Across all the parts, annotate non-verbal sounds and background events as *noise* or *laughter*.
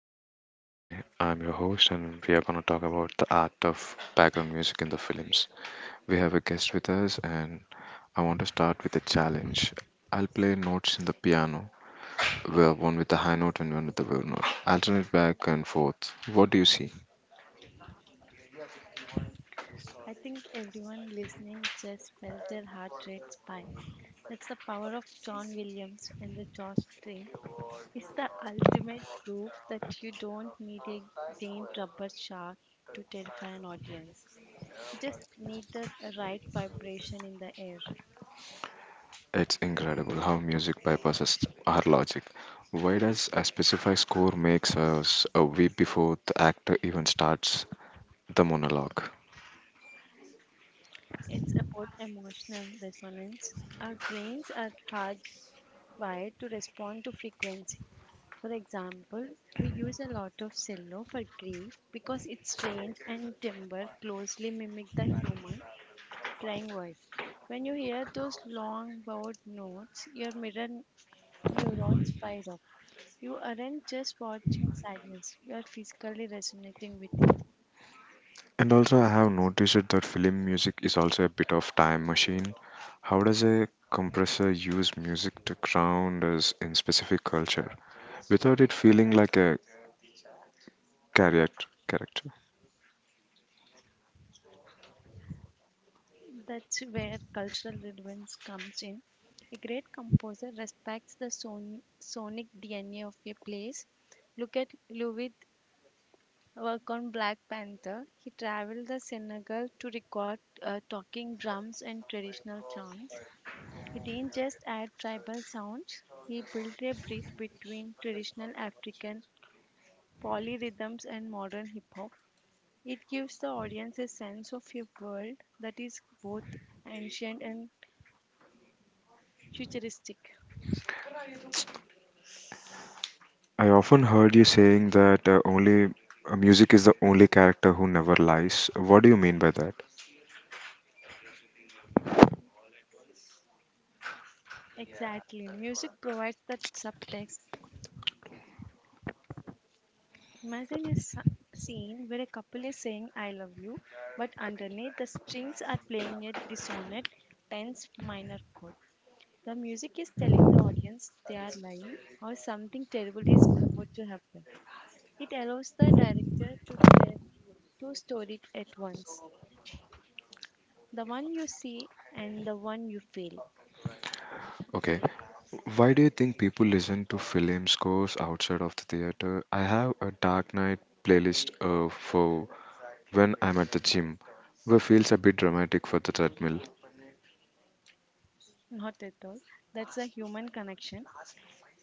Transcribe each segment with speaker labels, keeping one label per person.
Speaker 1: show. And today I'm your host, and we are going to talk about the art of background music in the films. We have a guest with us, and I want to start with a challenge. I'll play notes in the piano, where one with the high note and one with the low note. Alternate back and forth. What do you see?
Speaker 2: I think everyone listening just felt their heart rate spike. That's the power of John Williams and the drawstring. It's the ultimate proof that you don't need a giant rubber shark to terrify an audience. You just need the right vibration in the air.
Speaker 1: It's incredible how music bypasses our logic. Why does a specific score makes us a weep before the actor even starts the monologue?
Speaker 2: It's about emotional resonance. Our brains are hardwired to respond to frequency. For example, we use a lot of cello for grief because its range and timbre closely mimic the human crying voice. When you hear those long bowed notes, your mirror neurons fire up. You aren't just watching sadness, you are physically resonating with it.
Speaker 1: And also, I have noticed that film music is also a bit of time machine. How does a compressor use music to ground us in specific culture without it feeling like a character?
Speaker 2: That's where cultural relevance comes in. A great composer respects the sonic DNA of a place. Look at Louis work on Black Panther. He traveled the Senegal to record talking drums and traditional chants. He didn't just add tribal sounds, he built a bridge between traditional African polyrhythms and modern hip hop. It gives the audience a sense of a world that is both ancient and futuristic.
Speaker 1: I often heard you saying that only music is the only character who never lies. What do you mean by that?
Speaker 2: Exactly. Music provides that subtext. Imagine a scene where a couple is saying I love you, but underneath the strings are playing a dissonant, tense minor chord. The music is telling the audience they are lying or something terrible is about to happen. It allows the director to tell two stories at once, the one you see and the one you feel.
Speaker 1: Okay. Why do you think people listen to film scores outside of the theater? I have a Dark Knight playlist for when I'm at the gym, where feels a bit dramatic for the treadmill.
Speaker 2: Not at all. That's a human connection.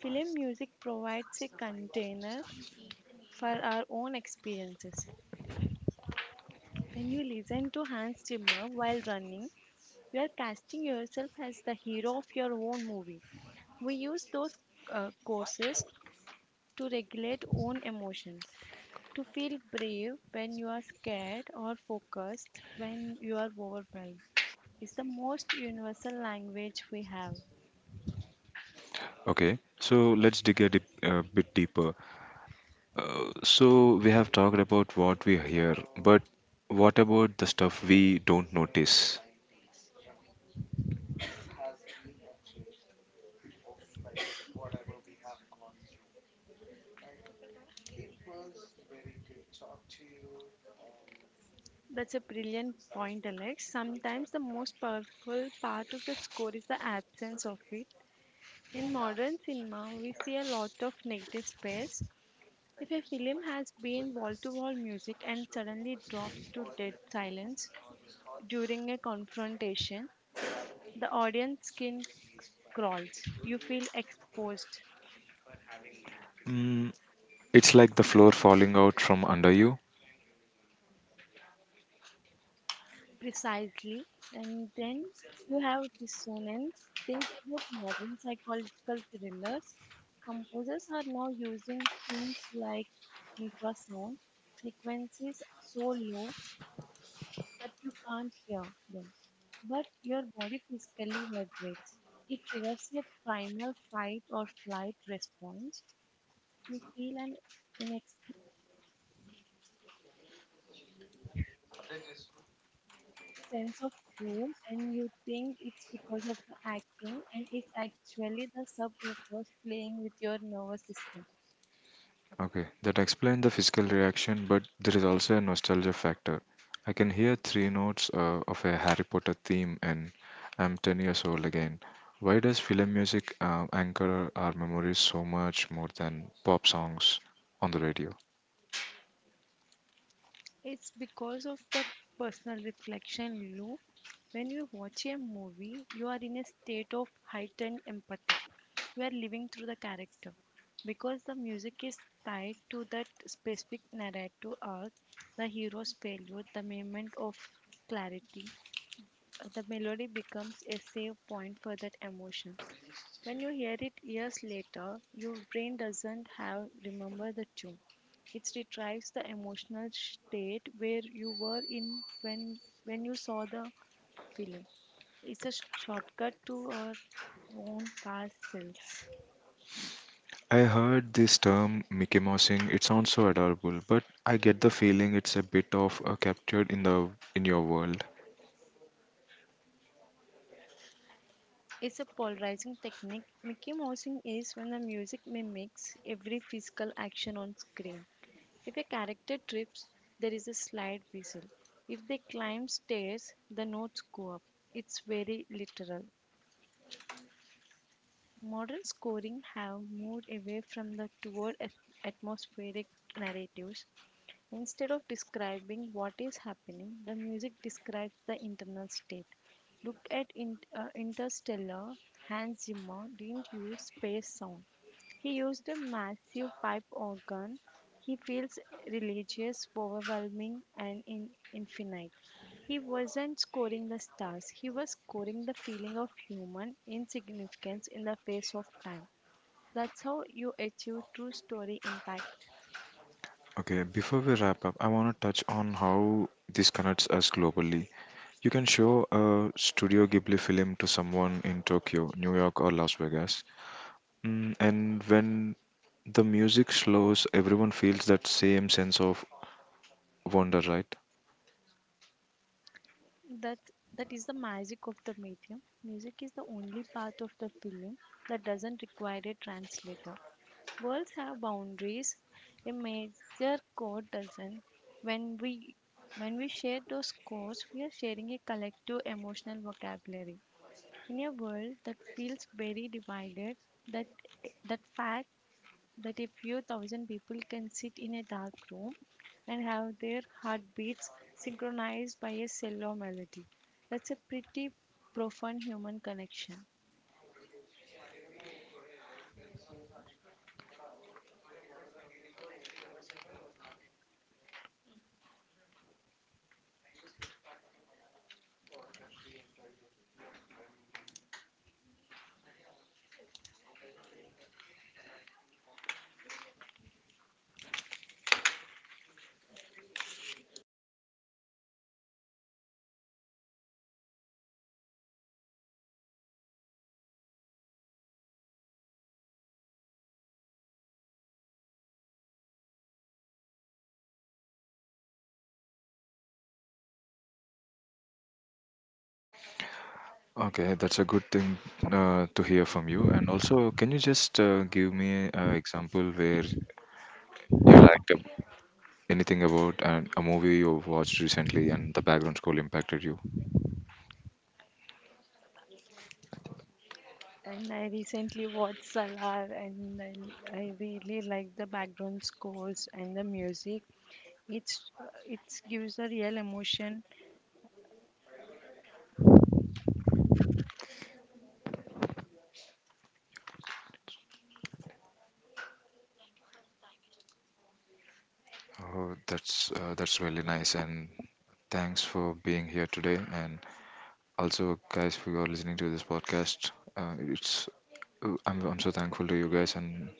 Speaker 2: Film music provides a container for our own experiences. When you listen to Hans Zimmer while running, you are casting yourself as the hero of your own movie. We use those courses to regulate own emotions, to feel brave when you are scared or focused when you are overwhelmed. It's the most universal language we have.
Speaker 1: Okay, so let's dip a bit deeper. So we have talked about what we hear, but what about the stuff we don't notice?
Speaker 2: That's a brilliant point, Alex. Sometimes the most powerful part of the score is the absence of it. In modern cinema, we see a lot of negative space. If a film has been wall-to-wall music and suddenly drops to dead silence during a confrontation, the audience skin crawls. You feel exposed
Speaker 1: Mm, it's like the floor falling out from under you.
Speaker 2: precisely, and then you have dissonance. Think about modern psychological thrillers. Composers are now using things like infrasound frequencies so low that you can't hear them, but your body physically vibrates. It triggers a primal fight or flight response. You feel an in sense of doom and you think it's because of the acting and it's actually the subconscious playing with your nervous system.
Speaker 1: Okay, that explained the physical reaction, but there is also a nostalgia factor. I can hear three notes of a Harry Potter theme, and I'm 10 years old again. Why does film music anchor our memories so much more than pop songs on the radio?
Speaker 2: It's because of the personal reflection loop. When you watch a movie, you are in a state of heightened empathy. You are living through the character. Because the music is tied to that specific narrative arc, the hero's failure, the moment of clarity, the melody becomes a save point for that emotion. When you hear it years later, your brain doesn't have remember the tune, it retrieves the emotional state where you were in when you saw the film. It's a shortcut to our own past selves.
Speaker 1: I heard this term Mickey Mousing. It sounds so adorable, but I get the feeling it's a bit of captured in the in your world.
Speaker 2: It's a polarizing technique. Mickey Mousing is when the music mimics every physical action on screen. If a character trips, there is a slide whistle. If they climb stairs, the notes go up. It's very literal. Modern scoring have moved away from the toward atmospheric narratives. Instead of describing what is happening, the music describes the internal state. Look at Interstellar. Hans Zimmer didn't use space sound. He used a massive pipe organ. He feels religious, overwhelming, and in infinite. He wasn't scoring the stars, he was scoring the feeling of human insignificance in the face of time. That's how you achieve true story impact.
Speaker 1: Okay, before we wrap up, I want to touch on how this connects us globally. You can show a Studio Ghibli film to someone in Tokyo, New York, or Las Vegas. Mm, and when the music slows, everyone feels that same sense of wonder, right?
Speaker 2: That that is the magic of the medium. Music is the only part of the film that doesn't require a translator. Worlds have boundaries. A major code doesn't. When we when we share those codes, we are sharing a collective emotional vocabulary. In a world that feels very divided, that that fact that a few thousand people can sit in a dark room and have their heartbeats synchronized by a cello melody. That's a pretty profound human connection.
Speaker 1: Okay, that's a good thing to hear from you. And also, can you just give me an example where you liked anything about a movie you watched recently and the background score impacted you?
Speaker 2: And I recently watched Salar and I really like the background scores and the music. It's it gives a real emotion.
Speaker 1: Oh, that's that's really nice, and thanks for being here today. And also, guys, who are listening to this podcast, it's I'm so thankful to you guys, and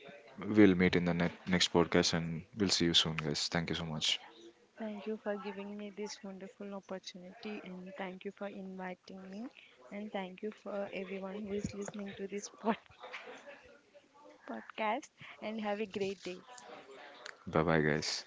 Speaker 1: we'll meet in the next podcast, and we'll see you soon, guys. Thank you so much.
Speaker 2: Thank you for giving me this wonderful opportunity and thank you for inviting me and thank you for everyone who is listening to this *laughs* podcast and have a great day.
Speaker 1: Bye, bye, guys.